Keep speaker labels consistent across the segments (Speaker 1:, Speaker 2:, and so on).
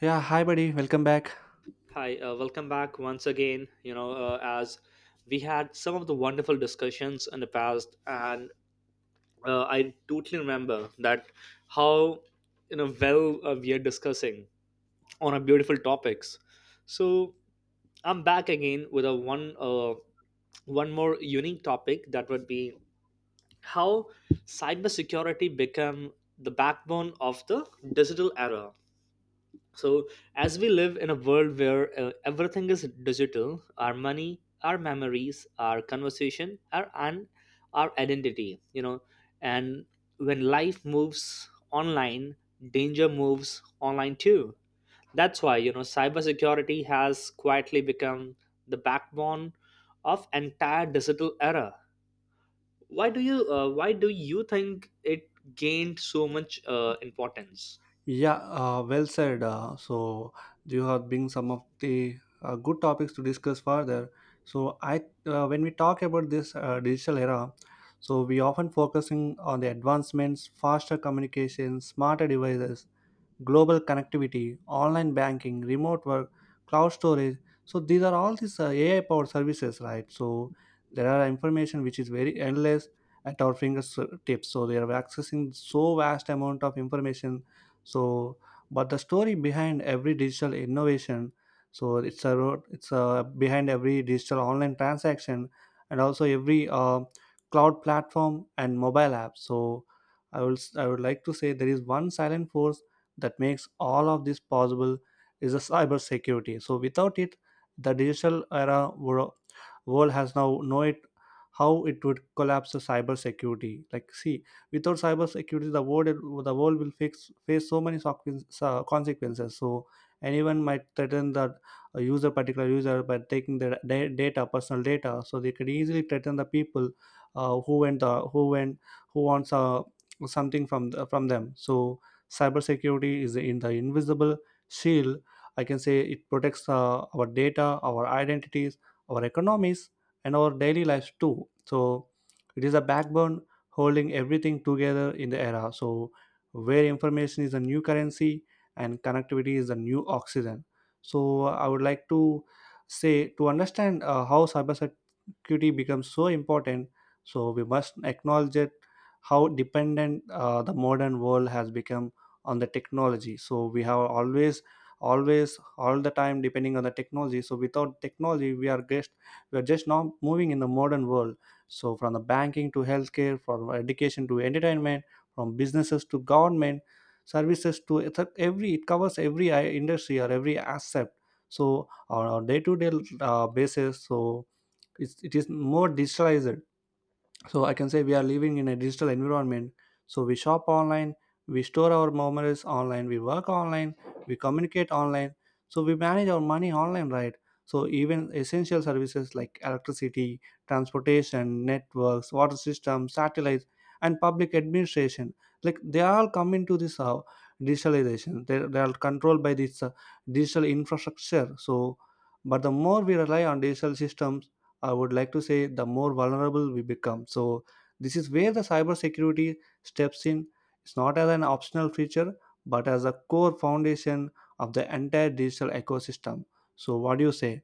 Speaker 1: Yeah, hi buddy, welcome back.
Speaker 2: Hi, welcome back once again. As we had some of the wonderful discussions in the past, and I totally remember that how we are discussing on a beautiful topics. So I'm back again with a one one more unique topic that would be how cybersecurity become the backbone of the digital era. So as we live in a world where everything is digital, our money, our memories, our conversation, our identity, you know. And when life moves online, danger moves online too. That's why, you know, cybersecurity has quietly become the backbone of entire digital era. Why do you think it gained so much importance?
Speaker 1: Yeah, well said. So you have been some of the good topics to discuss further. So when we talk about this digital era, so we often focusing on the advancements, faster communication, smarter devices, global connectivity, online banking, remote work, cloud storage. So these are all these AI powered services, right? So there are information which is very endless at our fingertips. So they are accessing so vast amount of information. So but the story behind every digital innovation, so it's a road, it's a behind every digital online transaction and also every cloud platform and mobile app. So I would like to say there is one silent force that makes all of this possible is the cybersecurity. So without it, the digital era wor- world has now know it how it would collapse the cybersecurity. Like see, without cybersecurity, the world will face so many consequences. So anyone might threaten the a user, particular user, by taking their data, personal data. So they could easily threaten the people uh, who went uh, who went who wants something from from them. So cybersecurity is in the invisible shield, I can say. It protects our data, our identities, our economies, and our daily lives too. So it is a backbone holding everything together in the era. So where information is a new currency and connectivity is a new oxygen, so I would like to say, to understand how cybersecurity connectivity becomes so important, so we must acknowledge it, how dependent the modern world has become on the technology. So we have always all the time depending on the technology. So without technology we are just now moving in the modern world. So from the banking to healthcare, from education to entertainment, from businesses to government services, to every, it covers every industry or every aspect. So on a day-to-day basis, so it is more digitalized. So I can say we are living in a digital environment. So we shop online, we store our memories online, we work online, we communicate online. So we manage our money online, right? So even essential services like electricity, transportation networks, water systems, satellites, and public administration, like they all come into this digitalization. They are controlled by this digital infrastructure. So but the more we rely on digital systems, I would like to say the more vulnerable we become. So this is where the cybersecurity steps in. It's not as an optional feature, but as a core foundation of the entire digital ecosystem. So what do you say?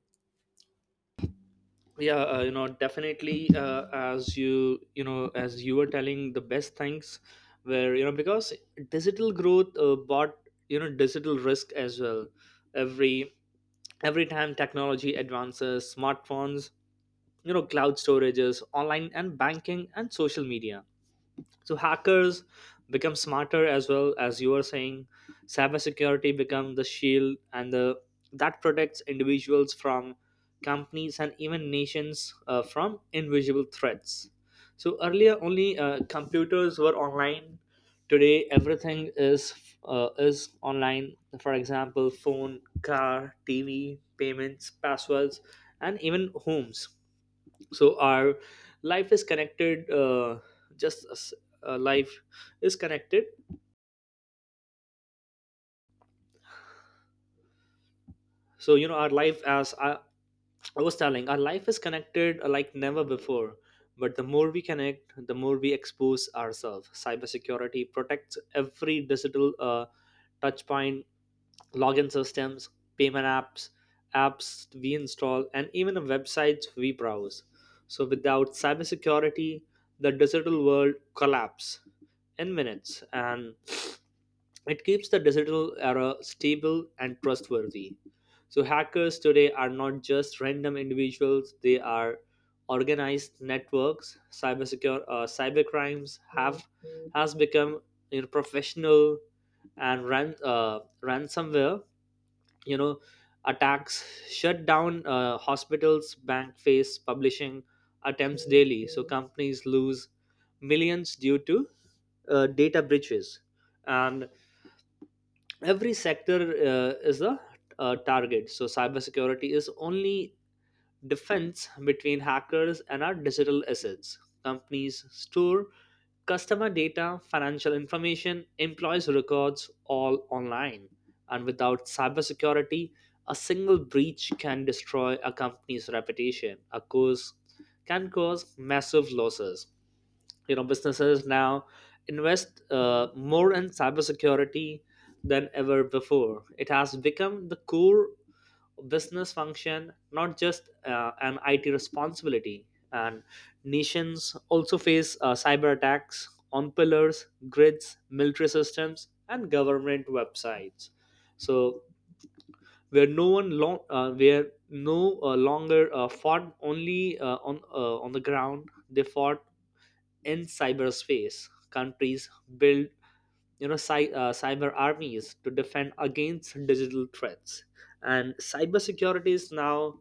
Speaker 2: Yeah, you know, definitely, as you know, as you were telling, the best things were, you know, because digital growth bought, you know, digital risk as well. Every every time technology advances, smartphones, you know, cloud storages, online and banking and social media, so hackers become smarter. As well, as you are saying, cybersecurity become the shield and the that protects individuals, from companies and even nations, from invisible threats. So earlier only computers were online, today everything is online. For example, phone, car, TV, payments, passwords, and even homes. So our life is connected, just as life is connected so you know our life as I was telling, our life is connected like never before. But the more we connect, the more we expose ourselves. Cybersecurity protects every digital touch point, login systems, payment apps, we install, and even the websites we browse. So without cybersecurity, the digital world collapse in minutes. And it keeps the digital era stable and trustworthy. So hackers today are not just random individuals, they are organized networks. Cybercrimes have has become, you know, professional, and ransomware, you know, attacks shut down hospitals, bank face publishing attempts daily. So companies lose millions due to data breaches, and every sector is a target. So cybersecurity is only defense between hackers and our digital assets. Companies store customer data, financial information, employees records, all online. And without cybersecurity, a single breach can destroy a company's reputation a cause can cause massive losses. You know, businesses now invest more in cybersecurity than ever before. It has become the core business function, not just an it responsibility. And nations also face cyber attacks on pillars, grids, military systems, and government websites. So where no one long where no longer fought only on the ground, they fought in cyberspace. Countries build, you know, cyber armies to defend against digital threats, and cybersecurity is now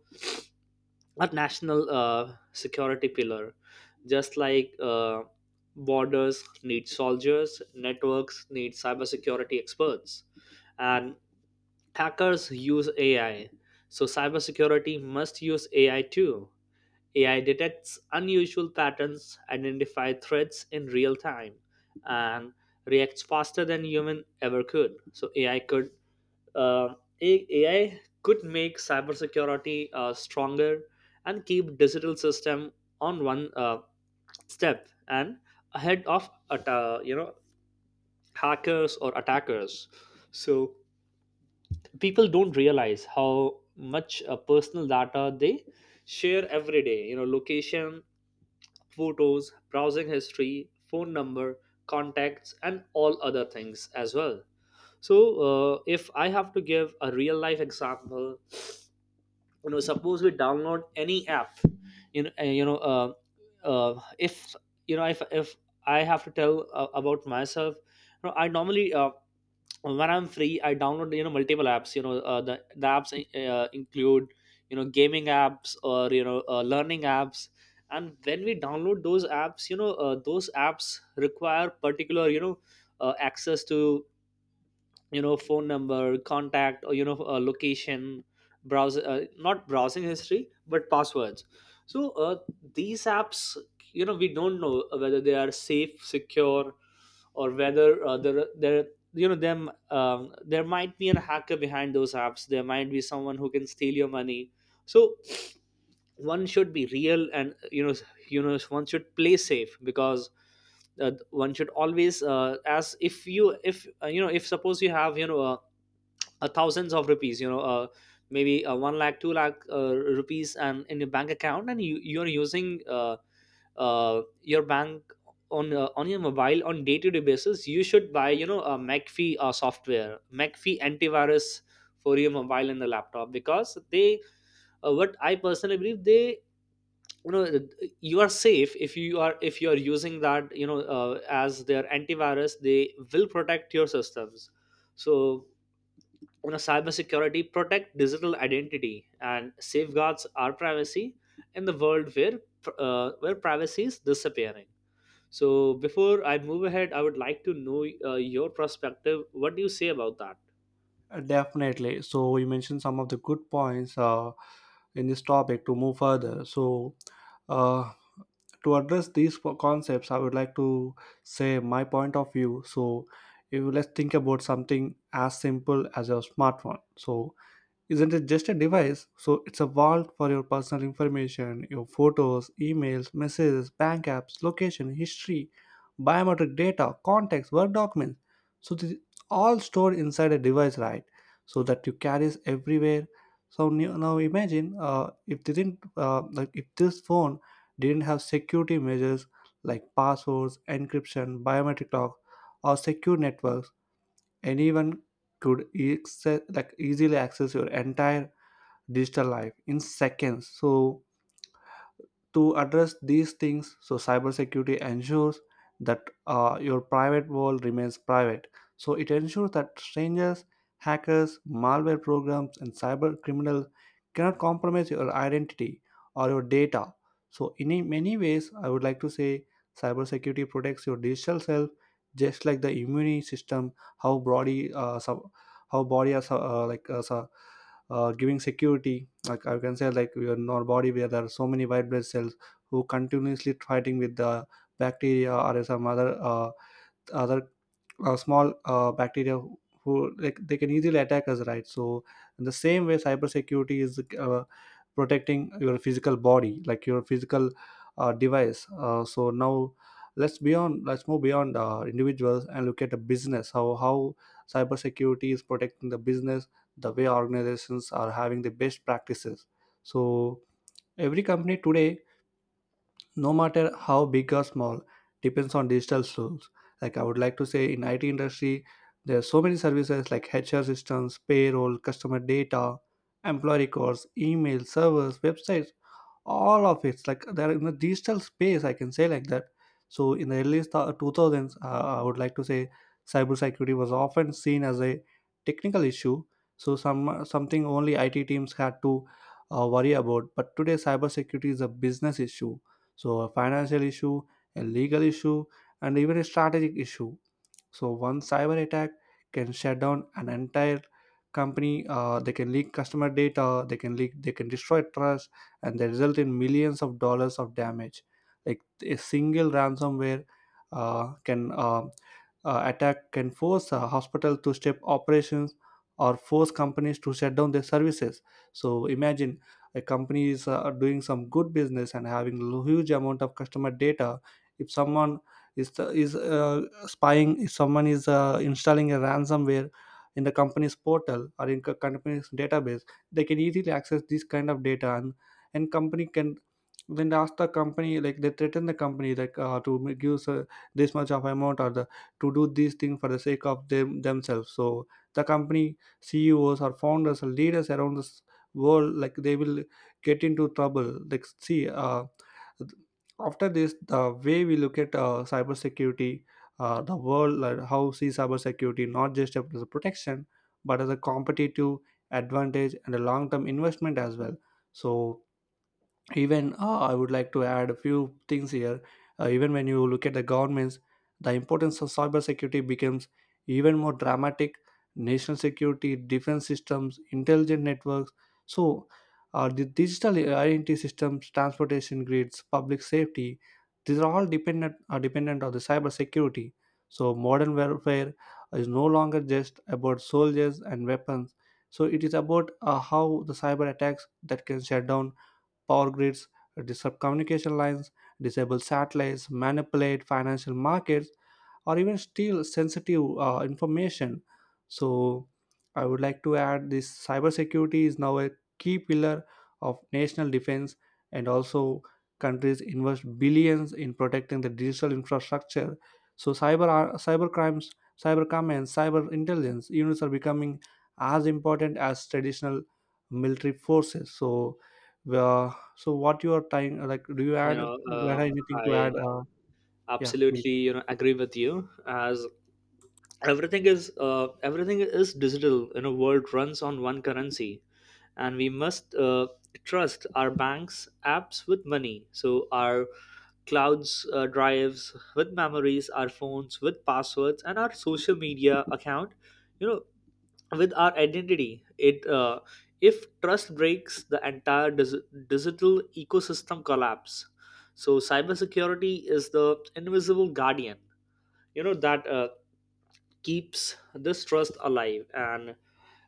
Speaker 2: a national security pillar. Just like borders need soldiers, networks need cybersecurity experts, and hackers use AI. So cybersecurity must use AI too. AI detects unusual patterns, identifies threats in real time, and reacts faster than human ever could. So AI could uh, A- AI could make cybersecurity stronger and keep digital system on one step and ahead of atta you know hackers or attackers. So people don't realize how much personal data they share every day, you know, location, photos, browsing history, phone number, contacts, and all other things as well. So, if I have to give a real life example, you know, suppose we download any app, you know, if you know, if I have to tell about myself, you know, I normally when I'm free, I download, you know, multiple apps. You know, the apps include, you know, gaming apps or, you know, learning apps. And when we download those apps, you know, those apps require particular, you know, access to, you know, phone number, contact, or, you know, location, browser, not browsing history but passwords. So these apps, you know, we don't know whether they are safe, secure, or whether there there you know, them there might be a hacker behind those apps. There might be someone who can steal your money. So one should be real, and, you know, you know, one should play safe. Because one should always, as if you know, if suppose you have, you know, thousands of rupees, you know, maybe 1 lakh, 2 lakh rupees and in your bank account, and you you're using, your bank on, on your mobile, on day to day basis, you should buy, you know, a McAfee software, McAfee antivirus, for your mobile and the laptop, because they, what I personally believe, they, you know, you are safe if you are using that, you know, as their antivirus, they will protect your systems. So, you know, cybersecurity protect digital identity and safeguards our privacy in the world where privacy is disappearing. So before I move ahead, I would like to know your perspective. What do you say about that?
Speaker 1: Definitely So you mentioned some of the good points in this topic to move further. So uh, to address these concepts, I would like to say my point of view. So if, let's think about something as simple as a smartphone. So isn't it just a device? So it's a vault for your personal information, your photos, emails, messages, bank apps, location, history, biometric data, contacts, work documents. So this is all stored inside a device, right? So that you carries everywhere. So now imagine if they didn't like if this phone didn't have security measures like passwords, encryption, biometric lock, or secure networks, anyone could easily access your entire digital life in seconds. So to address these things, so cybersecurity ensures that your private world remains private. So it ensures that strangers, hackers, malware programs, and cyber criminals cannot compromise your identity or your data. So in many ways I would like to say cybersecurity protects your digital self, just like the immune system. How body uh, sub, how body is like as a giving security. Like I can say, like, your, in our body, where there are so many white blood cells who continuously fighting with the bacteria or some other other small bacteria who, like, they can easily attack us, right? So in the same way cybersecurity is protecting your physical body, like your physical device. So now let's move beyond individuals and look at the business, how cybersecurity is protecting the business, the way organizations are having the best practices. So every company today, no matter how big or small, depends on digital tools. Like I would like to say, in IT industry, there are so many services like HR systems, payroll, customer data, employee records, email servers, websites, all of it's like they're in the digital space, I can say, like that. So in the early 2000s, I would like to say cybersecurity was often seen as a technical issue, so some something only IT teams had to worry about. But today cybersecurity is a business issue, so a financial issue, a legal issue, and even a strategic issue. So one cyber attack can shut down an entire company. They can leak customer data. They can leak. They can destroy trust, and they result in millions of dollars of damage. Like a single ransomware can attack can force a hospital to step operations or force companies to shut down their services. So imagine a company is doing some good business and having huge amount of customer data. If someone is spying, if someone is installing a ransomware in the company's portal or in company's database, they can easily access this kind of data, and company can then ask the company, like they threaten the company like to give this much of amount or the to do these things for the sake of them themselves. So the company CEOs or founders or leaders around this world, like they will get into trouble. Like see, after this the way we look at cybersecurity, the world, like how, see cybersecurity not just as a protection but as a competitive advantage and a long-term investment as well. So even, I would like to add a few things here. Even when you look at the governments, the importance of cybersecurity becomes even more dramatic. National security, defense systems, intelligent networks, so the digital identity systems, transportation grids, public safety, these are all dependent, are dependent on the cybersecurity. So modern warfare is no longer just about soldiers and weapons. So it is about how the cyber attacks that can shut down power grids, disrupt communication lines, disable satellites, manipulate financial markets, or even steal sensitive information. So I would like to add this, cybersecurity is now a key pillar of national defense, and also countries invest billions in protecting the digital infrastructure. So cyber crimes, cyber comments, cyber intelligence units are becoming as important as traditional military forces. So so what you are trying, like do you
Speaker 2: You
Speaker 1: add, do
Speaker 2: know,
Speaker 1: you have anything to
Speaker 2: I
Speaker 1: add? Yeah,
Speaker 2: absolutely,
Speaker 1: please.
Speaker 2: you know, agree with you. As everything is digital, you know, world runs on one currency, and we must trust our banks apps with money. So our clouds drives with memories, our phones with passwords, and our social media account, you know, with our identity. It If trust breaks, the entire digital ecosystem collapse. So cybersecurity is the invisible guardian, you know, that keeps this trust alive. And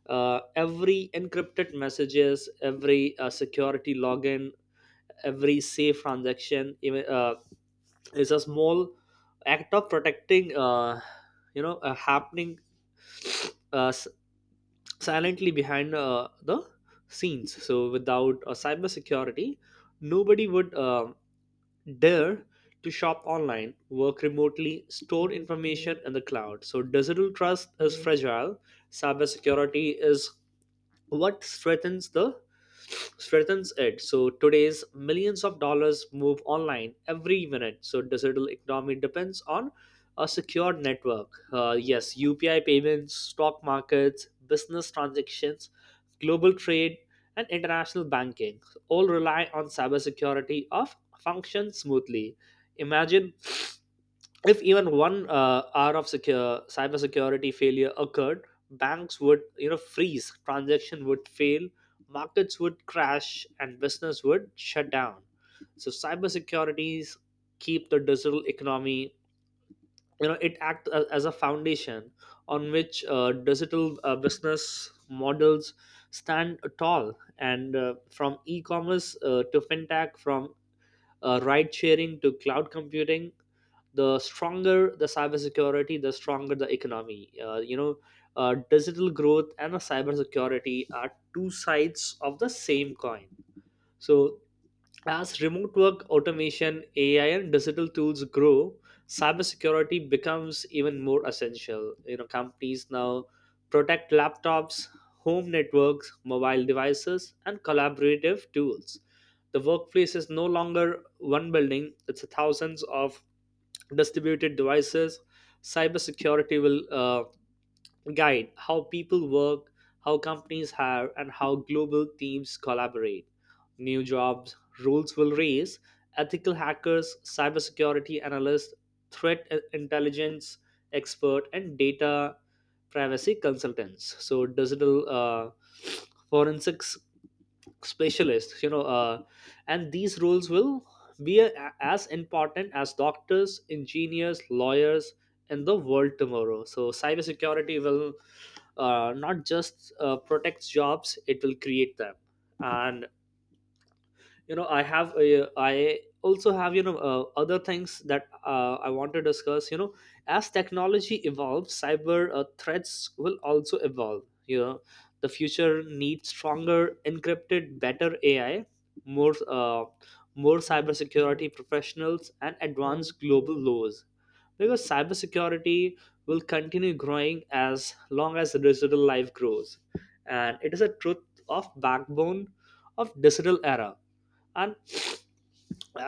Speaker 2: every encrypted messages, every security login, every safe transaction, even it's a small act of protecting, happening uh, s- silently behind the scenes. So without cybersecurity, nobody would dare to shop online, work remotely, store information in the cloud. So digital trust is fragile. Cybersecurity is what strengthens it. So today's millions of dollars move online every minute. So digital economy depends on a secured network. Yes, UPI payments, stock markets, business transactions, global trade, and international banking all rely on cybersecurity of function smoothly. Imagine if even one hour of secure cybersecurity failure occurred, banks would, you know, freeze, transaction would fail, markets would crash, and business would shut down. So cybersecurities keep the digital economy. You know, it acts as a foundation on which digital business models stand tall. And from e-commerce to fintech, from ride sharing to cloud computing, the stronger the cybersecurity, the stronger the economy. You know, digital growth and the cybersecurity are two sides of the same coin. So as remote work, automation, AI, and digital tools grow, cybersecurity becomes even more essential. You know, companies now protect laptops, home networks, mobile devices, and collaborative tools. The workplace is no longer one building; it's thousands of distributed devices. Cybersecurity will guide how people work, how companies hire, and how global teams collaborate. New jobs rules will raise ethical hackers, cybersecurity analysts, intelligence expert, and data privacy consultants. So digital forensics specialists, and these roles will as important as doctors, engineers, lawyers in the world tomorrow. So cybersecurity will not just protect jobs, it will create them. And you know, I also have, you know, other things that I want to discuss. You know, as technology evolves, cyber threats will also evolve. You know, the future needs stronger encrypted, better AI, more, uh, cybersecurity professionals, and advanced global laws. Because cybersecurity will continue growing as long as the digital life grows, and it is a truth of backbone of digital era. And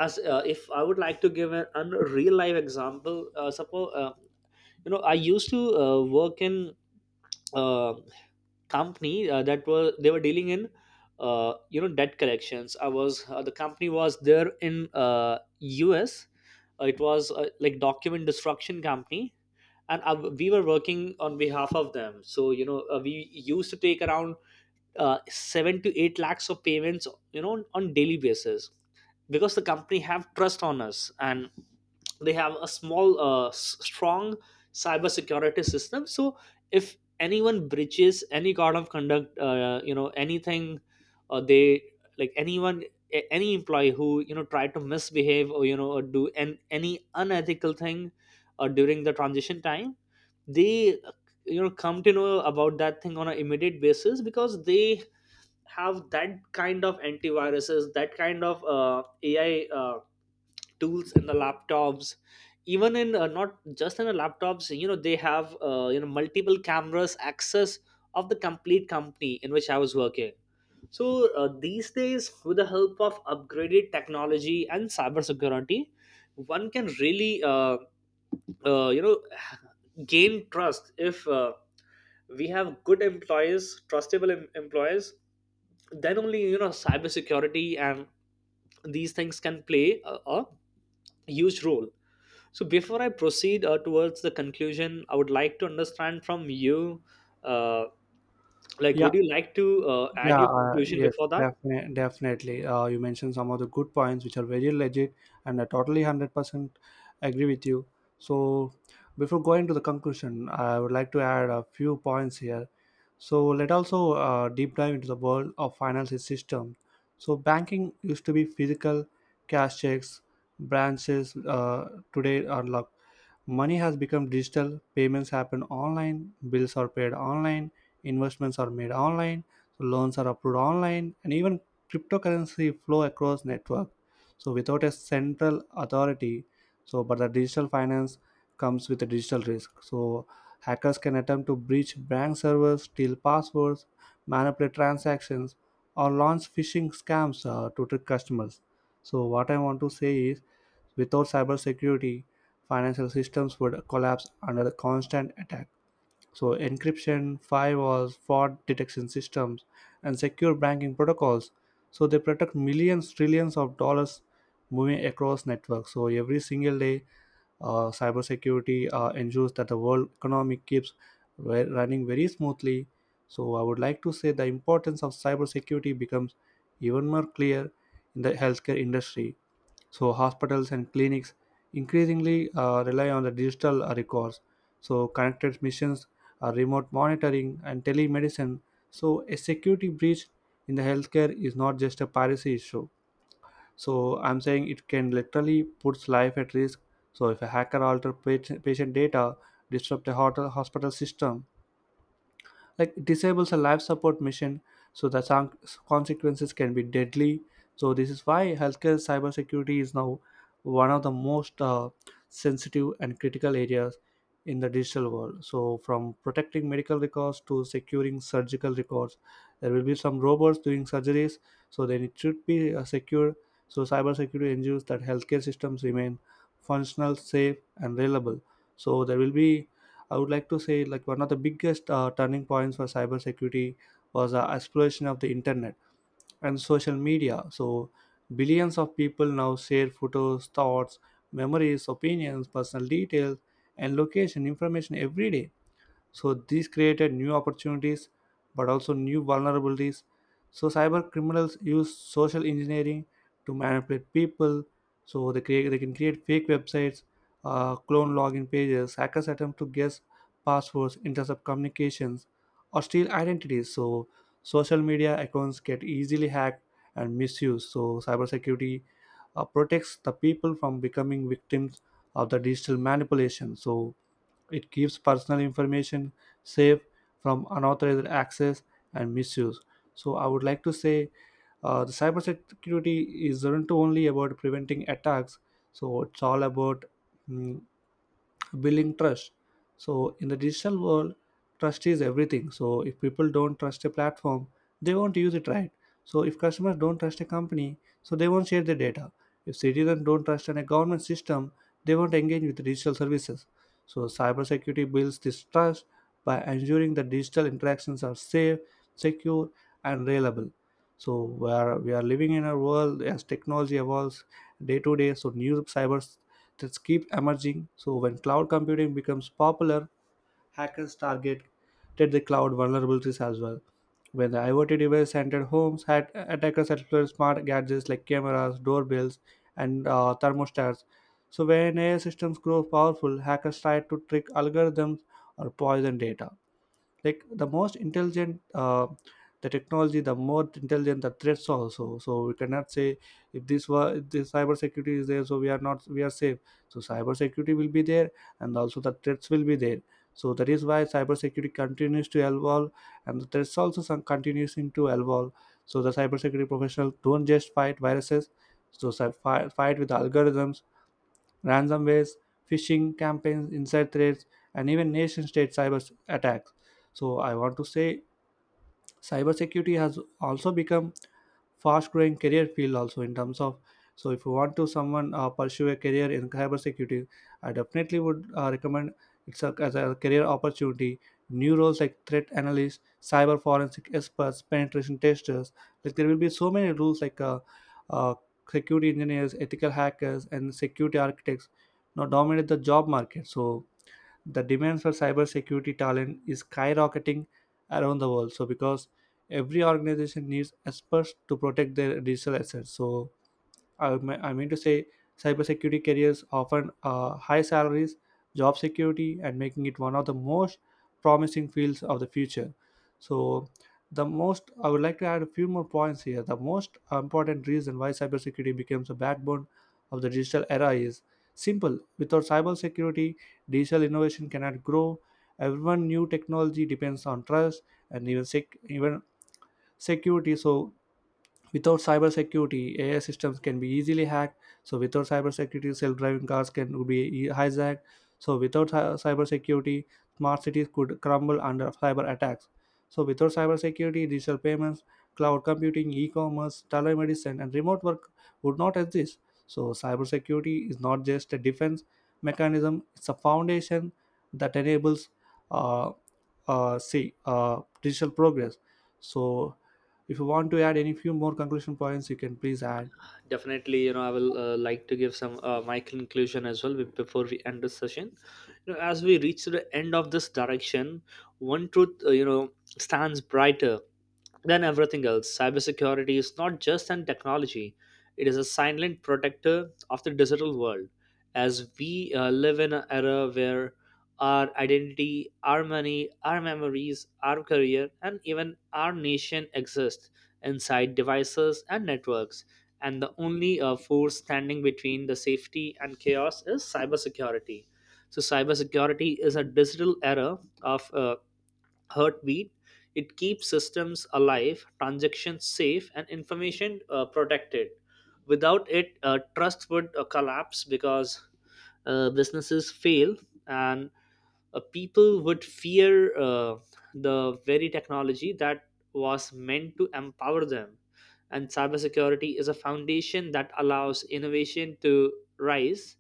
Speaker 2: as if I would like to give a real life example, suppose, you know, I used to work in a company that was they were dealing in, you know, debt collections. I was The company was there in, US. It was like document destruction company. and I, we were working on behalf of them. So you know, we used to take around 7 to 8 lakhs of payments, you know, on daily basis, because the company have trust on us, and they have a small, strong cybersecurity system. So if anyone breaches any code of conduct, you know, anything, they like anyone, any employee who, you know, try to misbehave, or, you know, or do any unethical thing during the transition time, they you know, come to know about that thing on an immediate basis, because they have that kind of antiviruses, that kind of AI tools in the laptops, even in, not just in the laptops, you Know they have multiple cameras access of the complete company in which I was working. so these days, with the help of upgraded technology and cybersecurity, one can really uh, you know gain trust. If we have good employees, employees, then only you know cybersecurity and these things can play a huge role. So before I proceed towards the conclusion, I would like to understand from you, uh, like,
Speaker 1: Yeah.
Speaker 2: would you like to add
Speaker 1: Yeah,
Speaker 2: your conclusion
Speaker 1: yes,
Speaker 2: before that?
Speaker 1: definitely, definitely. You mentioned some of the good points, which are very legit, and I totally 100% agree with you. So, before going to the conclusion, I would like to add a few points here. So, let also deep dive into the world of financial system. So, banking used to be physical, cash, checks, branches. Today are like money has become digital. Payments happen online. Bills are paid online. Investments are made online, so loans are approved online, and even cryptocurrency flow across network. So without a central authority, so but the digital finance comes with a digital risk. So hackers can attempt to breach bank servers, steal passwords, manipulate transactions, or launch phishing scams to trick customers. So what I want to say is, without cybersecurity, financial systems would collapse under the constant attack. So encryption, firewalls, fraud detection systems, and secure banking protocols. So they protect millions, trillions of dollars moving across networks. So every single day, cybersecurity ensures that the world economy keeps running very smoothly. So I would like to say the importance of cybersecurity becomes even more clear in the healthcare industry. So hospitals and clinics increasingly rely on the digital records. So connected missions, remote monitoring, and telemedicine. So, a security breach in the healthcare is not just a piracy issue. So, I'm saying it can literally puts life at risk. So, if a hacker alter patient data, disrupt the hotel hospital system, like it disables a life support mission so consequences can be deadly. So this is why healthcare cybersecurity is now one of the most sensitive and critical areas in the digital world. So from protecting medical records to securing surgical records, there will be some robots doing surgeries, so then it should be secure. So cybersecurity ensures that healthcare systems remain functional, safe, and reliable. So there will be, I would like to say, like one of the biggest turning points for cybersecurity was the explosion of the internet and social media. So billions of people now share photos, thoughts, memories, opinions, personal details, and location information every day. So these created new opportunities but also new vulnerabilities. So cyber criminals use social engineering to manipulate people. So they can create fake websites, clone login pages. Hackers attempt to guess passwords, intercept communications, or steal identities. So social media accounts get easily hacked and misused. So cybersecurity protects the people from becoming victims of the digital manipulation. So it keeps personal information safe from unauthorized access and misuse. So I would like to say, the cybersecurity isn't only about preventing attacks. So it's all about, mm, building trust. So in the digital world, trust is everything. So if people don't trust a platform, they won't use it, right? So if customers don't trust a company, so they won't share their data. If citizens don't trust in a government system, they won't engage with digital services. So cybersecurity builds this trust by ensuring that digital interactions are safe, secure, and reliable. So where we are living in a world as technology evolves day to day, so new cyber that keep emerging. So when cloud computing becomes popular, hackers target did the cloud vulnerabilities as well. When the IoT device entered homes, had attackers exploited smart gadgets like cameras, doorbells, and thermostats. So when AI systems grow powerful, hackers try to trick algorithms or poison data, like the most intelligent the technology, the more intelligent the threats also. So we cannot say if this was if this cyber security is there, so we are not we are safe. So cyber security will be there, and also the threats will be there. So that is why cyber security continues to evolve, and the threats also some continues to evolve. So the cyber security professional don't just fight viruses, so fight with algorithms, ransomwares, phishing campaigns, inside threats, and even nation state cyber attacks. So, I want to say cybersecurity has also become fast growing career field, also in terms of, so if you want to someone pursue a career in cybersecurity, I definitely would recommend it's a, as a career opportunity. New roles like threat analysts, cyber forensic experts, penetration testers, like there will be so many roles like uh, security engineers, ethical hackers, and security architects now dominate the job market. So the demand for cybersecurity talent is skyrocketing around the world. So because every organization needs experts to protect their digital assets. So I mean to say, cybersecurity careers often high salaries, job security, and making it one of the most promising fields of the future. So, the most, I would like to add a few more points here. The most important reason why cybersecurity becomes a backbone of the digital era is simple. Without cybersecurity, digital innovation cannot grow. Everyone new technology depends on trust and even security. So without cybersecurity, AI systems can be easily hacked. So without cybersecurity, self-driving cars can be hijacked. So without cybersecurity, smart cities could crumble under cyber attacks. So without cybersecurity, digital payments, cloud computing, e-commerce, telemedicine, and remote work would not exist. So cybersecurity is not just a defense mechanism; it's a foundation that enables, uh, digital progress. So if you want to add any few more conclusion points, you can please add.
Speaker 2: Definitely, you know, I will like to give some my conclusion as well before we end this session. You know, as we reach to the end of this direction, one truth stands brighter than everything else. Cybersecurity is not just an technology, it is a silent protector of the digital world. As we live in an era where our identity, our money, our memories, our career, and even our nation exist inside devices and networks, and the only force standing between the safety and chaos is cybersecurity. So, cybersecurity is a digital era of heartbeat. It keeps systems alive, transactions safe, and information protected. Without it, trust would collapse, because businesses fail and people would fear the very technology that was meant to empower them. And cybersecurity is a foundation that allows innovation to rise.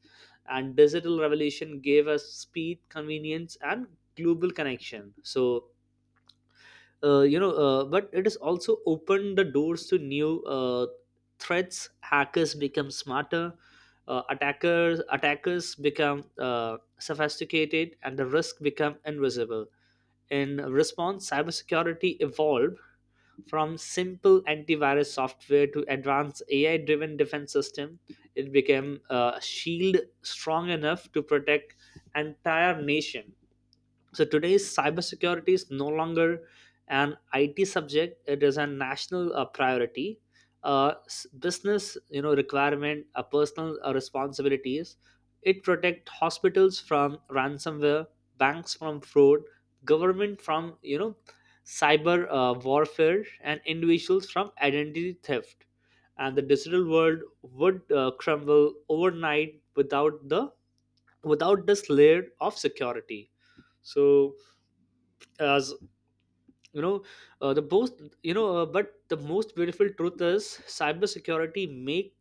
Speaker 2: And digital revolution gave us speed, convenience, and global connection. But it has also opened the doors to new threats. Hackers become smarter, attackers become sophisticated, and the risk become invisible. In response, cybersecurity evolved from simple antivirus software to advanced AI-driven defense system. It became a shield strong enough to protect entire nation. So today's cybersecurity is no longer an IT subject; it is a national priority, business you know requirement, personal responsibilities. It protect hospitals from ransomware, banks from fraud, government from you know cyber warfare, and individuals from identity theft. And the digital world would crumble overnight without this layer of security. So, as you know the most you know but the most beautiful truth is cybersecurity make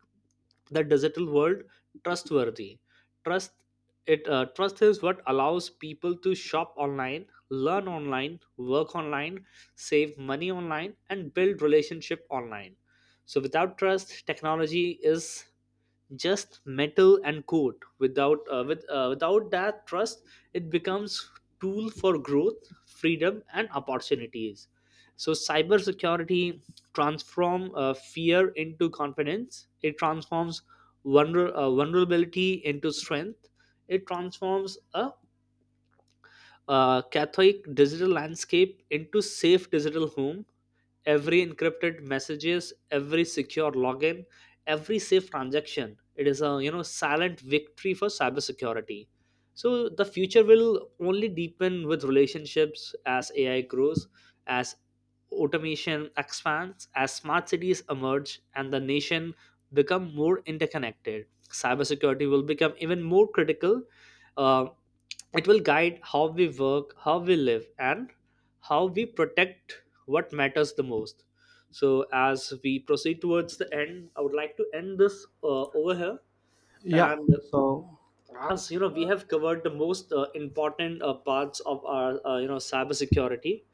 Speaker 2: the digital world trustworthy. Trust, it trust is what allows people to shop online, learn online, work online, save money online, and build relationship online. So without trust, technology is just metal and code. Without that trust, it becomes tool for growth, freedom, and opportunities. So cybersecurity transform fear into confidence. It transforms vulnerability into strength. It transforms a Catholic digital landscape into safe digital home. Every encrypted messages, every secure login, every safe transaction, it is a you know silent victory for cybersecurity. So the future will only deepen with relationships. As AI grows, as automation expands, as smart cities emerge, and the nation become more interconnected, cybersecurity will become even more critical. uh, it will guide how we work, how we live, and how we protect what matters the most. So, as we proceed towards the end, I would like to end this over here.
Speaker 1: Yeah,
Speaker 2: And
Speaker 1: so
Speaker 2: as you know, we have covered the most important parts of our cybersecurity.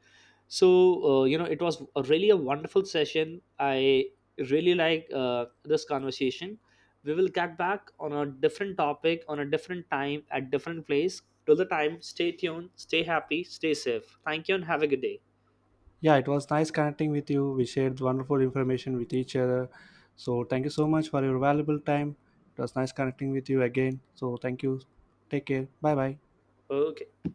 Speaker 2: So it was a really a wonderful session. I really like this conversation. We will get back on a different topic on a different time at different place. Till the time, stay tuned, stay happy, stay safe. Thank you and have a good day.
Speaker 1: yeah, it was nice connecting with you. We shared wonderful information with each other, so thank you so much for your valuable time. It was nice connecting with you again, so thank you. Take care, bye bye.
Speaker 2: Okay.